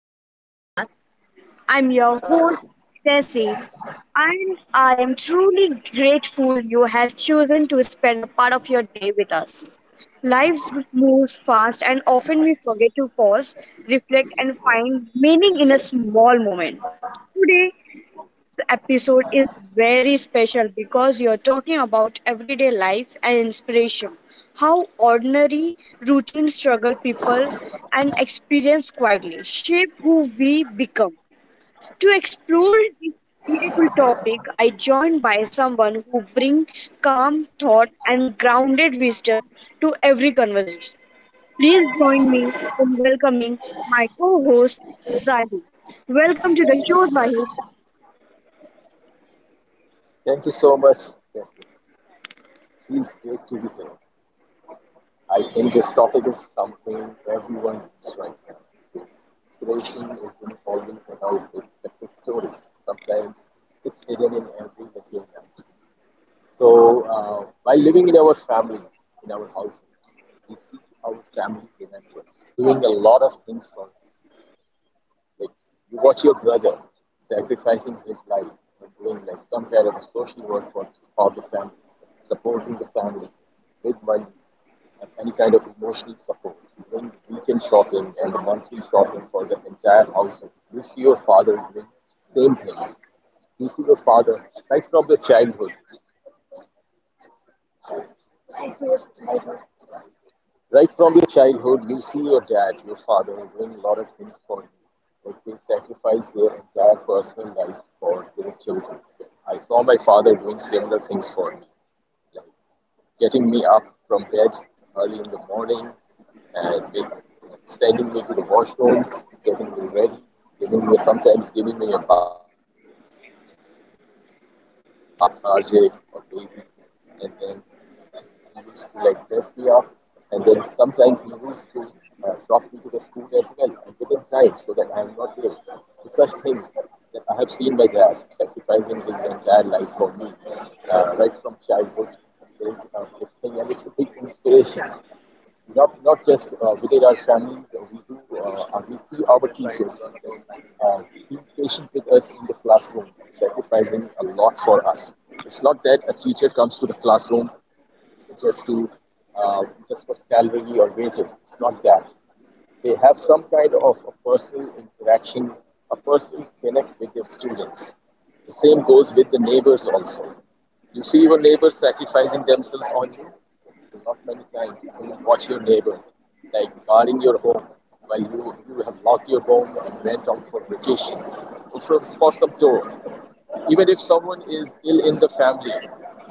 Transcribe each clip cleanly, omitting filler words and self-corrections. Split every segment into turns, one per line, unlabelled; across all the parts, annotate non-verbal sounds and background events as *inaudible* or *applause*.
to our podcast. I'm your host, Tessie, and I am truly grateful you have chosen to spend a part of your day with us. Life moves fast, and often we forget to pause, reflect, and find meaning in a small moment. Today episode is very special because you're talking about everyday life and inspiration, how ordinary, routine struggle people and experience quietly shape who we become. To explore this beautiful topic, I joined by someone who brings calm thought and grounded wisdom to every conversation. Please join me in welcoming my co-host Zahid. Welcome to the show, Zahid.
Thank you so much, Jesse. It feels great to be here. I think this topic is something everyone needs right now because inspiration isn't always about big success stories. Sometimes it's hidden in every little act. So, by living in our families, in our households, we see our family remembers doing a lot of things for us. Like you watch your brother sacrificing his life and doing like some kind of social work for the family, supporting the family with money and any kind of emotional support, doing weekend shopping and the monthly shopping for the entire household. You see your father doing same thing. You see your father right from the childhood Right from your childhood, you see your dad, your father, doing a lot of things for you. Like they sacrifice their entire personal life for their children. I saw my father doing similar things for me, like getting me up from bed early in the morning and make, sending me to the washroom, getting me ready, giving me sometimes giving me a bath as well when he found me lethargic or lazy, and then and he used to like dress me up and then sometimes we used to drop me to the school as well and within time so that I am not late. So such things that I have seen my dad sacrificing his entire life for me right from childhood is this thing, and it's a big inspiration. Not just within our families, we see our teachers uh, being patient with us in the classroom and sacrificing a lot for us. It's not that a teacher comes to the classroom just to uh, just for salary or wages. It's not that. They have some kind of a personal interaction, a personal connect with their students. The same goes with the neighbors also. You see your neighbors sacrificing themselves on you? Not many times. You watch your neighbor, like guarding your home while you have locked your home and went out for vacation. It was for some tour. Even if someone is ill in the family,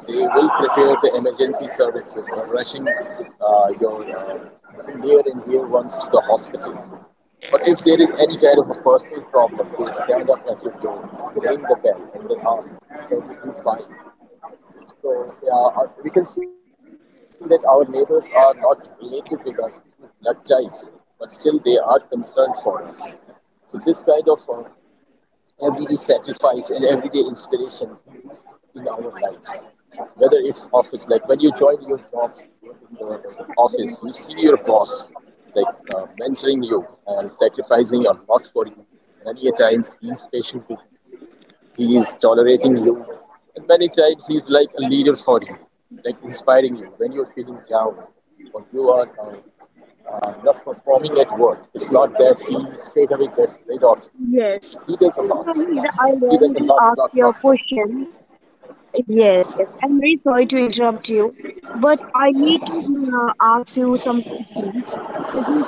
they will prepare the emergency services or rushing your near and dear ones to the hospital. But if there is any kind of a personal problem, they stand up at your door, they ring the bell, and they ask, "Is everything fine?" So yeah, we can see that our neighbors are not related with us through blood ties, but still they are concerned for us. So this kind of everyday sacrifice and everyday inspiration in our lives. Whether it's office, like when you join your job in the office, you see your boss like mentoring you and sacrificing a lot for you. Many a times he's patient with you, he is tolerating you, and many times he's like a leader for you, like inspiring you when you're feeling down or you are not performing at work. It's not that he straight away gets rid of you,
Yes.
he does a
So,
lot.
Zahid, I
He does
want
a
to
lot,
ask
lot,
you a
lot. Stuff.
question. Yes, yes. I'm very sorry to interrupt you, but I need to ask you some questions. As you,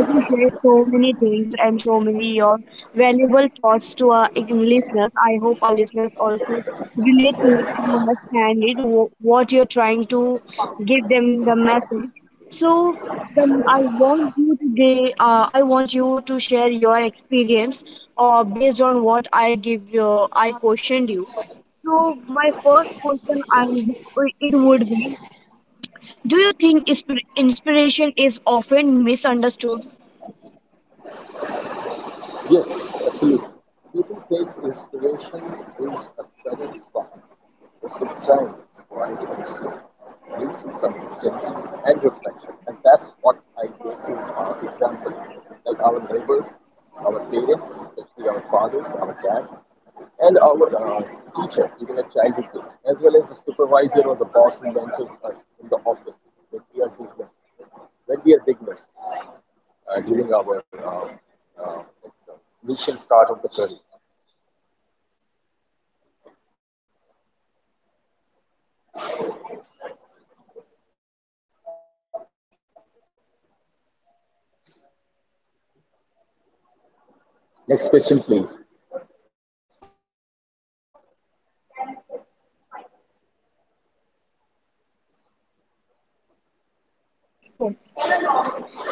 as you share so many things and so many your valuable thoughts to our listeners, I hope our listeners also relate to it and understand it, what you're trying to give them the message. So, then I want you today. I want you to share your experience, based on what I give you. I questioned you. So my first question I it would be, do you think inspiration is often misunderstood?
Yes, absolutely. People think inspiration is a sudden spark, most of the time it's quiet and slow, built through consistency and reflection. And that's what I gave to our examples, like our neighbors, our parents, especially our fathers, our dads, and our teacher, even at childhood days, as well as the supervisor or the boss who mentors us in the office when we are beginners. When we are beginners during our initial start of the career. Next question, please.
Oh,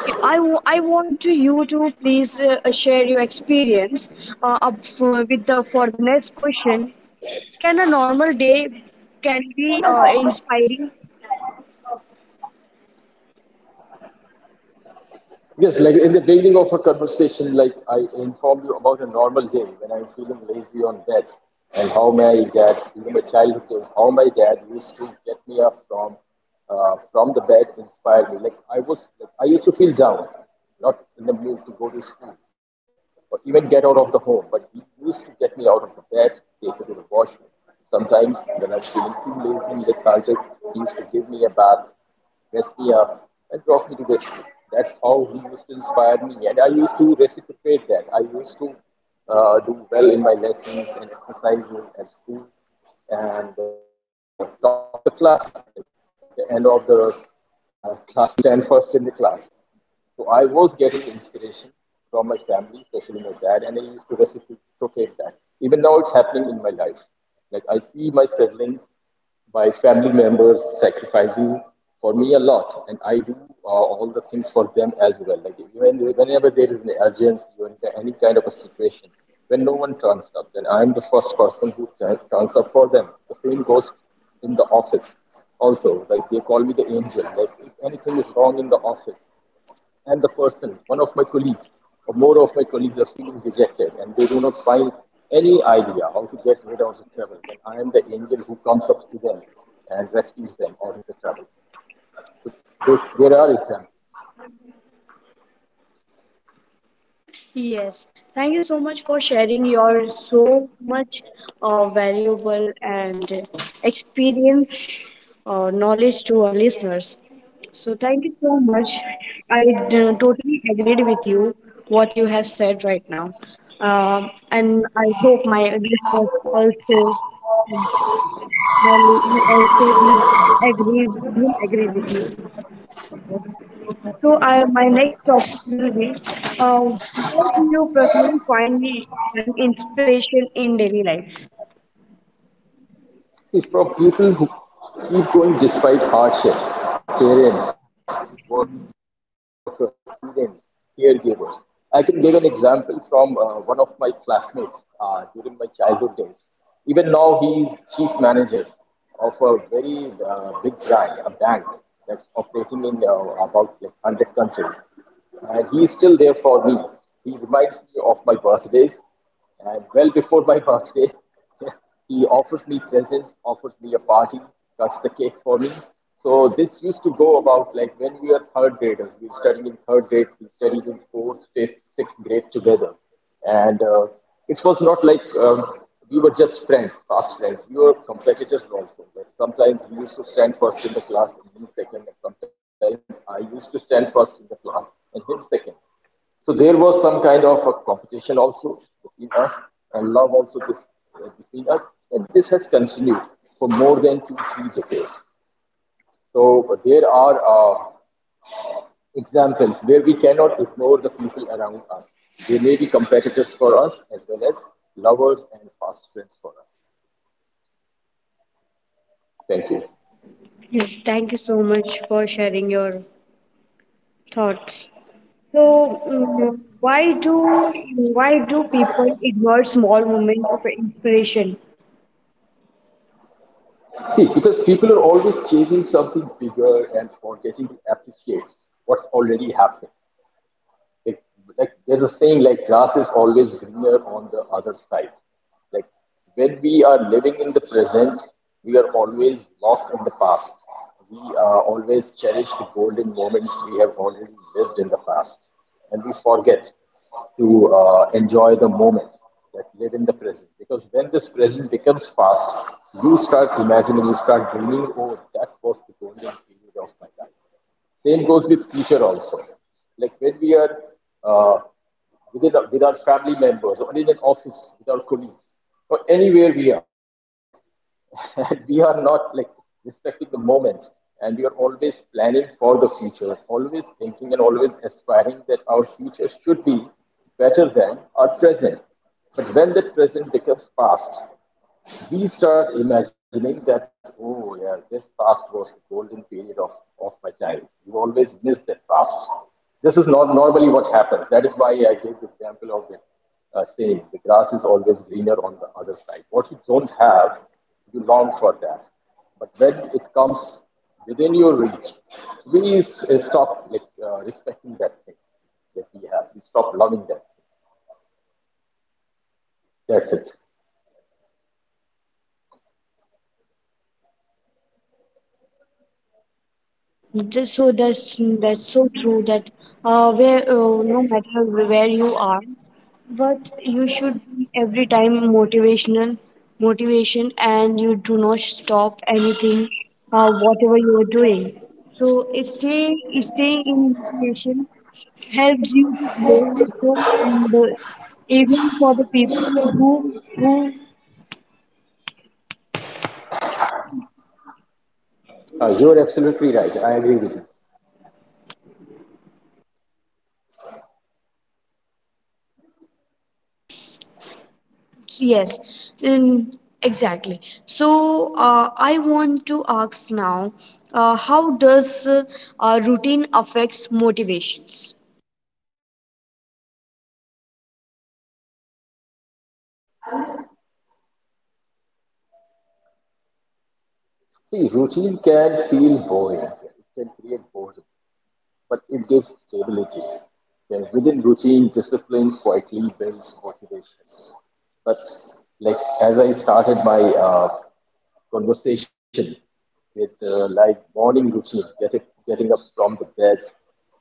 okay, I want to you to please share your experience up for, with the for the next question. Can a normal day can be inspiring?
Yes, like in the beginning of our conversation, like I informed you about a normal day when I'm feeling lazy on bed and how my dad, during my childhood days, how my dad used to get me up from the bed, inspired me. Like I used to feel down, not in the mood to go to school or even get out of the home. But he used to get me out of the bed, take me to the washroom. Sometimes when I was feeling too lazy, lethargic, he used to give me a bath, dress me up, and drop me to the school. That's how he used to inspire me, and I used to reciprocate that. I used to do well in my lessons and exercises at school, and top the class. At the end of the *laughs* class, I used to stand first in the class. So I was getting inspiration from my family, especially my dad, and I used to reciprocate that. Even now, it's happening in my life. Like I see my siblings, my family members sacrificing for me a lot, and I do all the things for them as well. Like even whenever there is an urgency or any kind of a situation, when no one turns up, then I am the first person who turns up for them. The same goes in the office. Also, like they call me the angel. Like if anything is wrong in the office, and the person, one of my colleagues, or more of my colleagues are feeling dejected, and they do not find any idea how to get rid of the trouble, then I am the angel who comes up to them and rescues them out of the trouble. So this, there are examples.
Yes, thank you so much for sharing your so much valuable and experience knowledge to our listeners. So thank you so much. I totally agreed with you what you have said right now. Um and I hope my listeners also, will agree with you. So, I, my next topic will be where do you personally find inspiration in daily life?
See, from people who keep going despite hardships, parents, workers, students, caregivers. I can give an example from one of my classmates during my childhood days. Even now, he is chief manager of a very big brand, a bank that's operating in about like 100 countries. And he is still there for me. He reminds me of my birthdays and well before my birthday *laughs* He offers me presents, offers me a party, cuts the cake for me. So this used to go about like when we were third graders. We studied in third grade, we studied in fourth, fifth, sixth grade together, and it was not like we were just friends, fast friends. We were competitors also. Like sometimes he used to stand first in the class and me second, and sometimes I used to stand first in the class and him second. So there was some kind of a competition also between us and love also this, between us. And this has continued for more than two, three decades. So there are examples where we cannot ignore the people around us. They may be competitors for us as well as lovers and fast friends for us. Thank you.
Yes, thank you so much for sharing your thoughts. So, why do people ignore small moments of inspiration?
See, because people are always chasing something bigger and forgetting to appreciate what's already happening. Like, like there's a saying like grass is always greener on the other side. Like when we are living in the present, we are always lost in the past. We always cherish the golden moments we have already lived in the past, and we forget to enjoy the moment, that live in the present. Because when this present becomes past, you start imagining, you start dreaming, oh, that was the golden period of my life. Same goes with future also. Like when we are uh, within with our family members, or in an office with our colleagues, or anywhere we are, *laughs* and we are not like respecting the moment, and we are always planning for the future, always thinking and always aspiring that our future should be better than our present. But when that present becomes past, we start imagining that, oh, yeah, this past was the golden period of my child. You always miss that past. This is not normally what happens. That is why I gave the example of the saying, the grass is always greener on the other side. What you don't have, you long for that. But when it comes within your reach, we stop like, respecting that thing that we have. We stop loving that. That's it.
Just so that's so true that where no matter where you are, but you should be every time motivation and you do not stop anything whatever you are doing. So staying in motivation helps you to grow also and even for the people who.
You are absolutely right. I agree with you.
Yes, in, exactly. So I want to ask now, how does routine affects motivations?
See, routine can feel boring. It can create boredom, but it gives stability. Then within routine, discipline quietly builds motivation. But like as I started my conversation with like morning routine, getting up from the bed,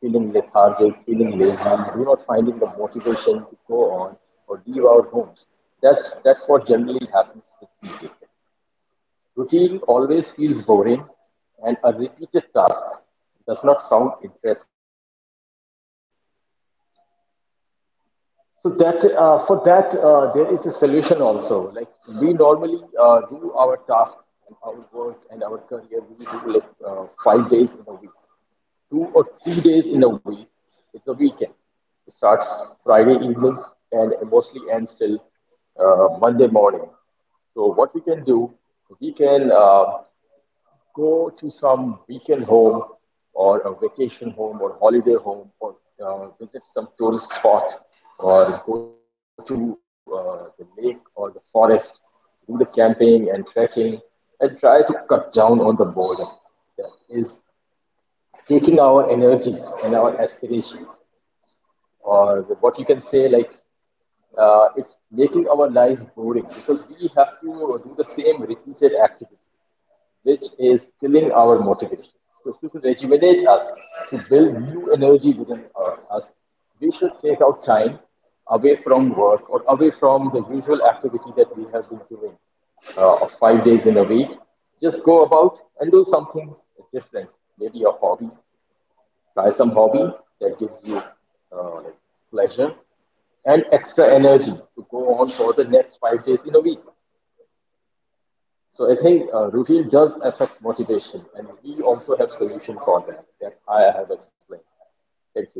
feeling lethargic, feeling lazy, do not finding the motivation to go on or leave our homes. That's what generally happens with people. Routine always feels boring, and a repeated task does not sound interesting to anyone. So that for that there is a solution also. Like we normally do our task and our work and our career, we do like 5 days in a week, 2 or 3 days in a week. It's a weekend. It starts Friday evening and mostly ends till Monday morning. So what we can do, we can go to some weekend home or a vacation home or holiday home or visit some tourist spot or go to the lake or the forest, do the camping and trekking and try to cut down on the boredom that is taking our energies and our aspirations, or what you can say, like it's making our lives boring because we have to do the same repeated activity, which is killing our motivation. So to rejuvenate us, to build new energy within us, we should take out time away from work or away from the usual activity that we have been doing, of 5 days in a week. Just go about and do something different. Maybe a hobby. Try some hobby that gives you uh, like pleasure and extra energy to go on for the next 5 days in a week. So I think routine does affect motivation, and we also have solution for that that I have explained. Thank you.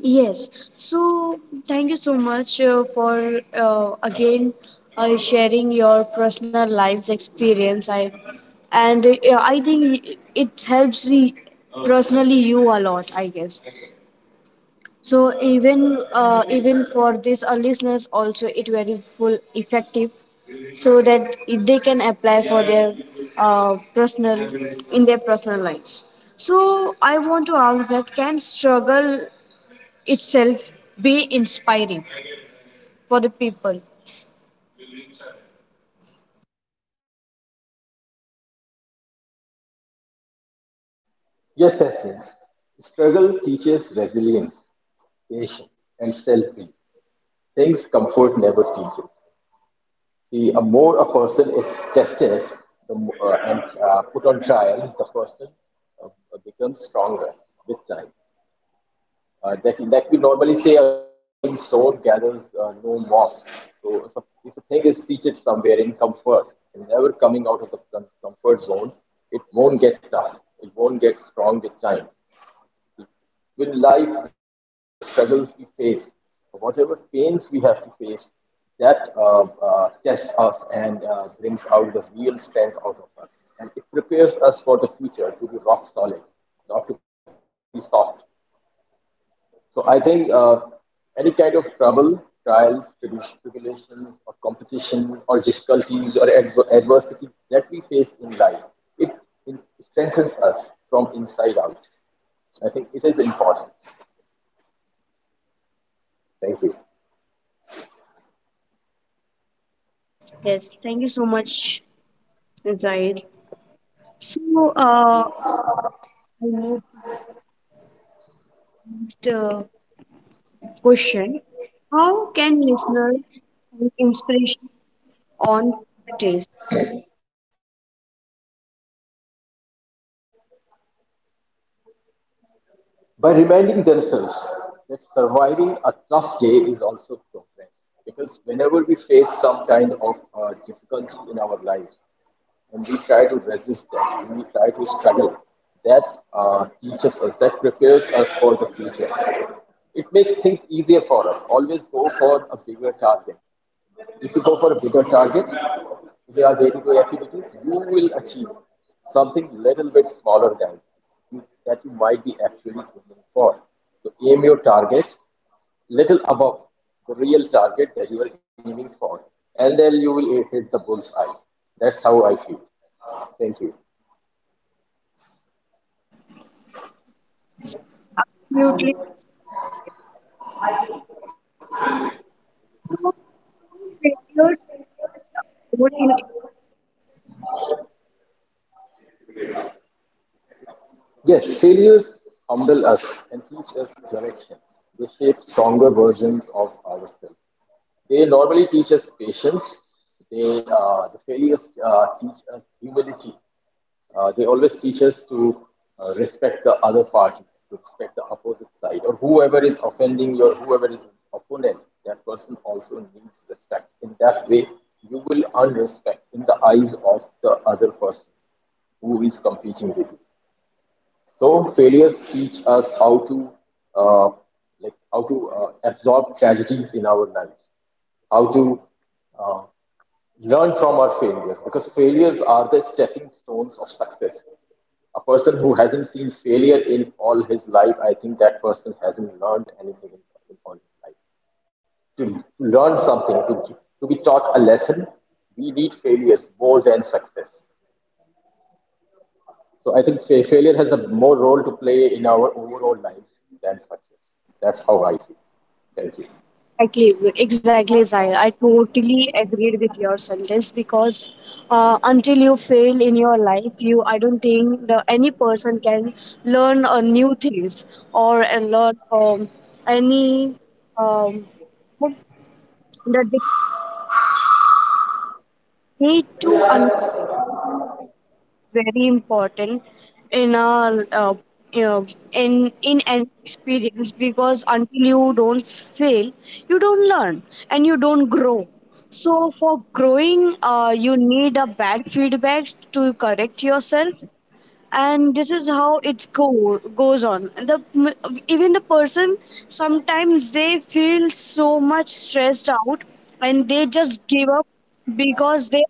Yes. So thank you so much for again sharing your personal life's experience. I and I think it helps the, personally you a lot. I guess. So even even for these listeners also it very full effective so that they can apply for their personal in their personal lives. So I want to ask that can struggle itself be inspiring for the people?
Yes, Tasneem. Struggle teaches resilience, patience, and self belief. Things comfort never teaches. See, a person is tested, the, mo- and put on trial, the person uh, becomes stronger with time. That we normally say a rolling stone gathers no moss. So if a thing is seated somewhere in comfort and never coming out of the comfort zone, it won't get tough. It won't get strong with time. With life, like whatever struggles we face, whatever pains we have to face, that tests us and brings out the real strength out of us. And it prepares us for the future to be rock solid, not to be soft. So I think any kind of trouble, trials, tribulations, or competition, or difficulties, or adversities that we face in life, it, it strengthens us from inside out. I think it is important. Thank you.
Yes, thank you so much, Zaid. So I move to the question: how can listeners find inspiration on taste?
By reminding themselves that surviving a tough day is also progress. Because whenever we face some kind of difficulty in our lives, and we try to resist that, and we try to struggle, that teaches us, that prepares us for the future. It makes things easier for us. Always go for a bigger target. If you go for a bigger target, if there are day-to-day activities, you will achieve something little bit smaller than that you might be actually aiming for. So aim your target little above the real target that you are aiming for, and then you will hit the bull's eye. That's how I feel. Thank you.
Absolutely. Failure would in
Yes, failures humble us and teach us direction. They shape stronger versions of ourselves. They normally teach us patience. They, the failures teach us humility. They always teach us to respect the other party, to respect the opposite side, or whoever is offending you, or whoever is opponent. That person also needs respect. In that way, you will earn respect in the eyes of the other person who is competing with you. So failures teach us how to uh, how to absorb tragedies in our lives, how to uh, learn from our failures because failures are the stepping stones of success. A person who hasn't seen failure in all his life, I think that person hasn't learned anything in all his life. To learn something, to be taught a lesson, we need failures more than success. So I think failure has a more role to play in our overall lives than success. That's how I feel. Thank you.
exactly, Zahir. I totally agreed with your sentence because until you fail in your life, you I don't think the, any person can learn new things or learn any um, the need to understand. Very important in a you know, in an experience because until you don't fail, you don't learn and you don't grow. So for growing, you need a bad feedback to correct yourself, and this is how it goes on. The even the person sometimes they feel so much stressed out and they just give up because they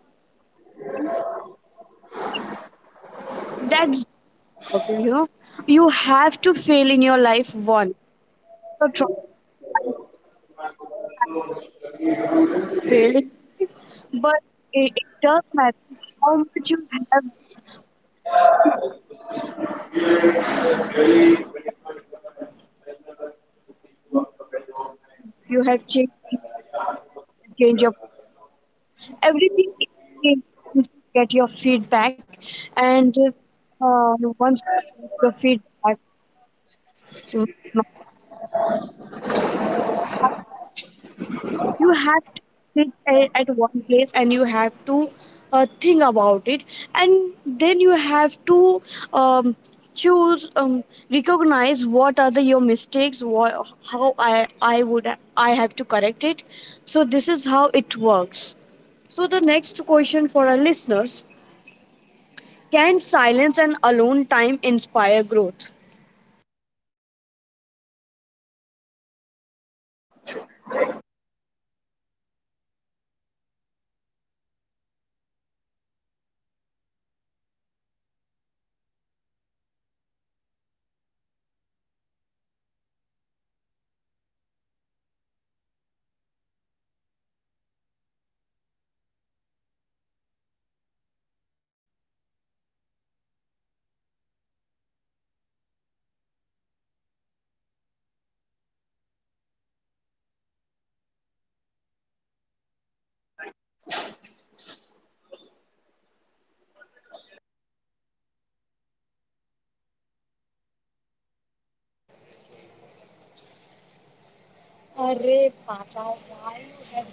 that's okay, you have to fail in your life once. So try failing, but it does matter how much you have. You have changed your everything. Is changed. Once you get your feedback, and once you get your feedback, you have to sit at one place and you have to think about it and then you have to um, choose, recognize what are the your mistakes, what, how I would I have to correct it. So this is how it works. So the next question for our listeners, can silence and alone time inspire growth? अरे पापा, why you have.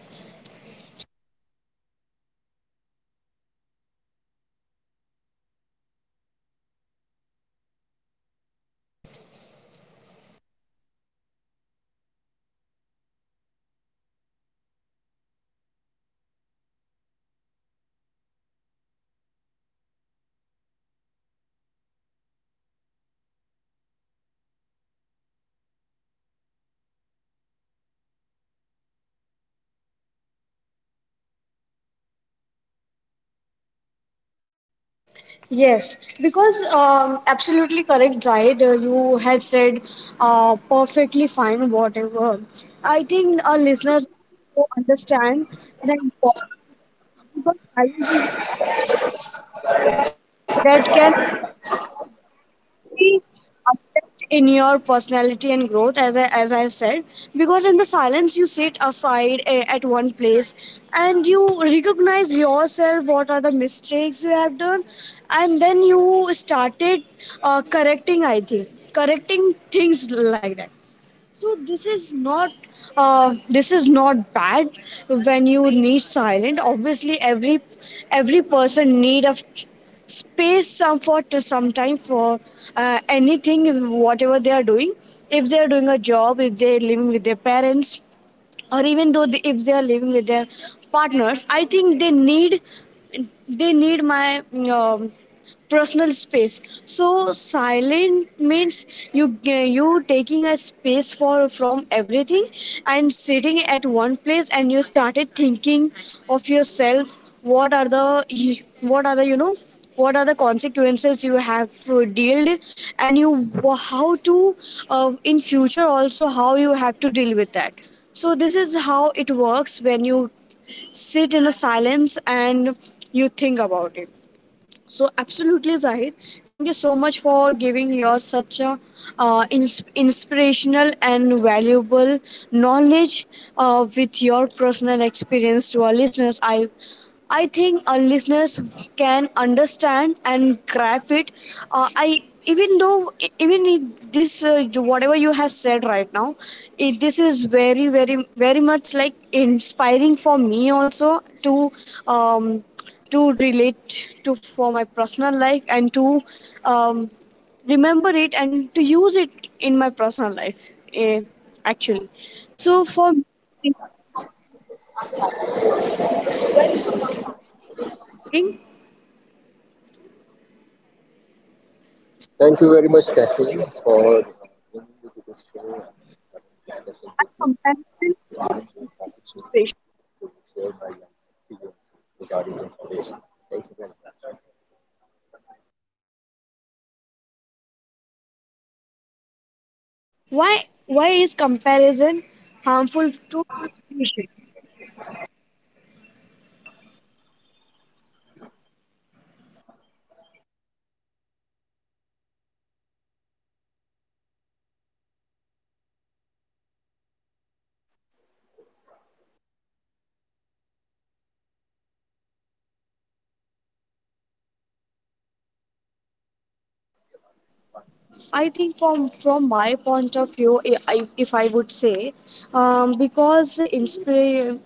Yes, because absolutely correct, Zaid. You have said perfectly fine, whatever. I think our listeners will understand the importance of challenges that can be in your personality and growth as I, as I've said, because in the silence you sit aside, at one place, and you recognize yourself what are the mistakes you have done, and then you started correcting, I think correcting things like that. So this is not, this is not bad when you need silent. Obviously, every person need a space, some for to some time for anything whatever they are doing. If they are doing a job, if they are living with their parents, or even though they, if they are living with their partners, I think they need, my um, personal space. So silent means, you taking a space for from everything and sitting at one place and you started thinking of yourself, what are the consequences you have dealt with, and you how to, in future also how you have to deal with that. So this is how it works when you sit in the silence and you think about it. So absolutely, Zahid, thank you so much for giving your such a inspirational and valuable knowledge with your personal experience to our listeners. I think our listeners can understand and grasp it. I Even though even if this, whatever you have said right now, this is very very very much like inspiring for me also to. Um, to relate to for my personal life and to, um, remember it and to use it in my personal life, actually. So for me, in
Thank you very much, Cassie, for bringing me to this show and having this discussion with me.
comparison,
Giving me the opportunity to share my life experiences regarding inspiration. Thank you very much.
why is comparison harmful to education? I think, from my point of view, if I would say, because inspire,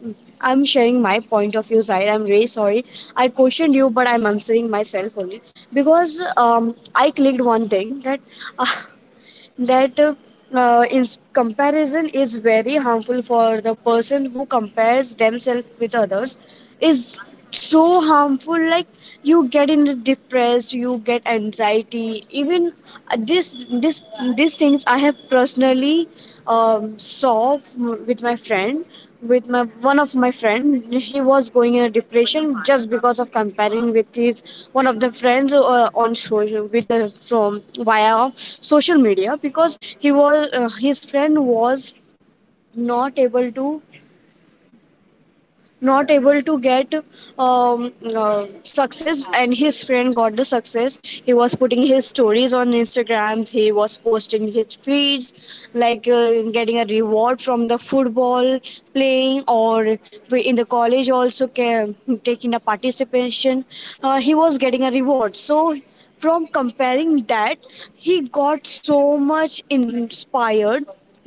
I'm sharing my point of view. Zaid, I'm really sorry. I questioned you, but I'm answering myself only because, I clicked one thing that *laughs* that in comparison is very harmful for the person who compares themselves with others, is so harmful. Like you get in the depressed, you get anxiety, even, this this these things I have personally, saw with my friend, with my one of my friend, he was going in a depression just because of comparing with his, one of the friends, on social, with the from via social media. Because he was, his friend was not able to not able to get, success, and his friend got the success. He was putting his stories on instagrams, he was posting his feeds, like, getting a reward from the football playing or in the college also, taking a participation, he was getting a reward. So from comparing that, he got so much inspired,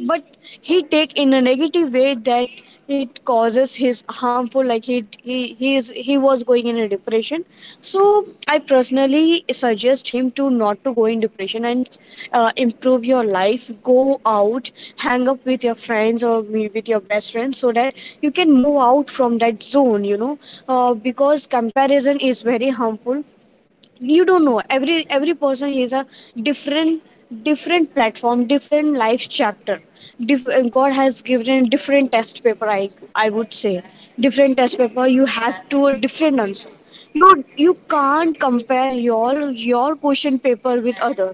but he take in a negative way that it causes his harmful. Like he, he is, he was going in a depression. So I personally suggest him to not to go in depression and improve your life, go out, hang up with your friends, or with your best friends, so that you can move out from that zone, you know. Because comparison is very harmful. You don't know, every person is a different different platform, different life chapter. God has given different test paper, I would say, different test paper. You have to a different answer. You can't compare your question paper with other.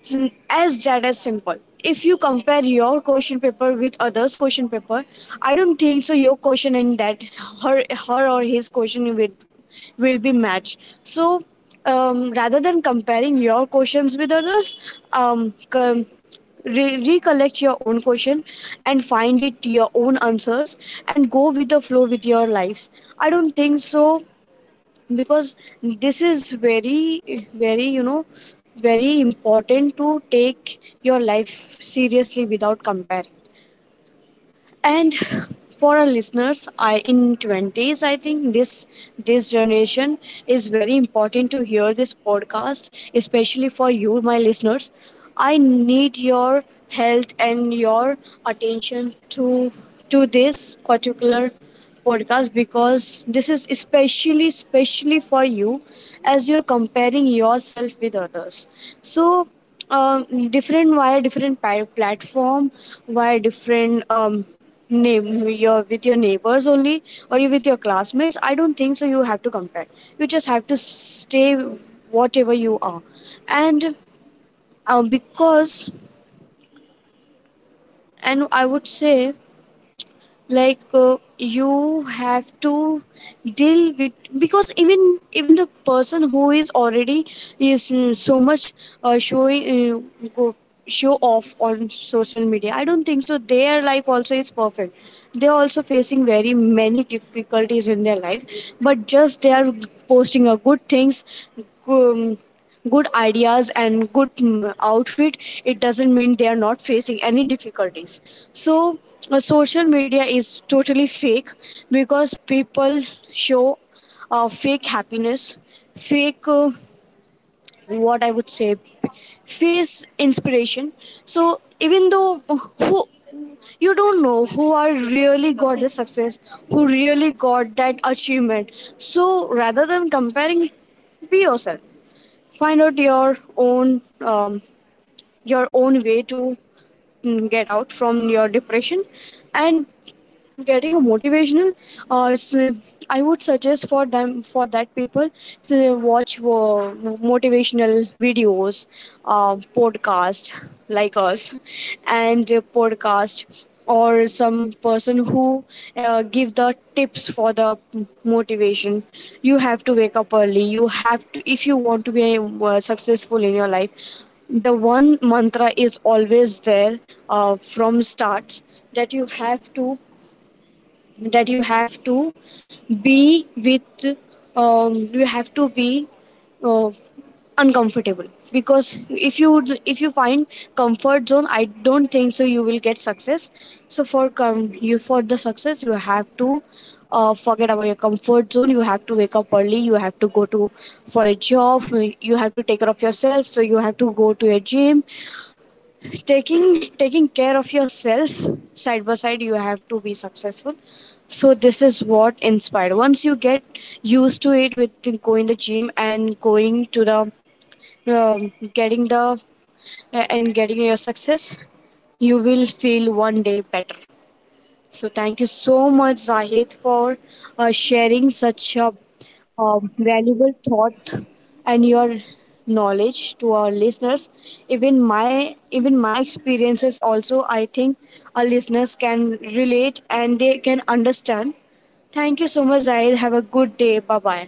It's as that as simple. If you compare your question paper with others' question paper, I don't think so. Your question, and that her, her or his question with, will be matched. So, rather than comparing your questions with others, um, com- recollect your own question and find it your own answers and go with the flow with your lives. I don't think so. Because this is very, you know, very important to take your life seriously without comparing. And for our listeners, I in 20s, I think this generation is very important to hear this podcast, especially for you my listeners. I need your health and your attention to this particular podcast, because this is especially for you, as you're comparing yourself with others. So, different via different, platform, via different, name your with your neighbors only, or you with your classmates, I don't think so you have to compare. You just have to stay whatever you are. And because, and I would say, like, you have to deal with, because even the person who is already is, so much, showing, go show off on social media, I don't think so their life also is perfect. They're also facing very many difficulties in their life, but just they are posting a good things, um, good ideas and good, outfit. It doesn't mean they are not facing any difficulties. So, social media is totally fake, because people show fake happiness, fake, what I would say, face inspiration. So even though who, you don't know who are really got the success, who really got that achievement. So rather than comparing, be yourself, find out your own, your own way to, get out from your depression and getting a motivational, or I would suggest for them, for that people to watch motivational videos, podcast like us, and podcast, or some person who give the tips for the motivation. You have to wake up early. You have to, if you want to be successful in your life, the one mantra is always there, from starts, that you have to, that you have to be with, you have to be, uh, uncomfortable. Because if you, find comfort zone, I don't think so you will get success. So for, you for the success, you have to forget about your comfort zone. You have to wake up early, you have to go to for a job, you have to take care of yourself, so you have to go to a gym. taking Taking care of yourself side by side, you have to be successful. So this is what inspired. Once you get used to it, with going the gym and going to the, getting the, and getting your success, you will feel one day better. So thank you so much, Zahid, for sharing such a, valuable thought and your knowledge to our listeners. Even my experiences also, I think our listeners can relate and they can understand. Thank you so much, Zahid. Have a good day. Bye bye.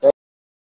Thank you, Cassie.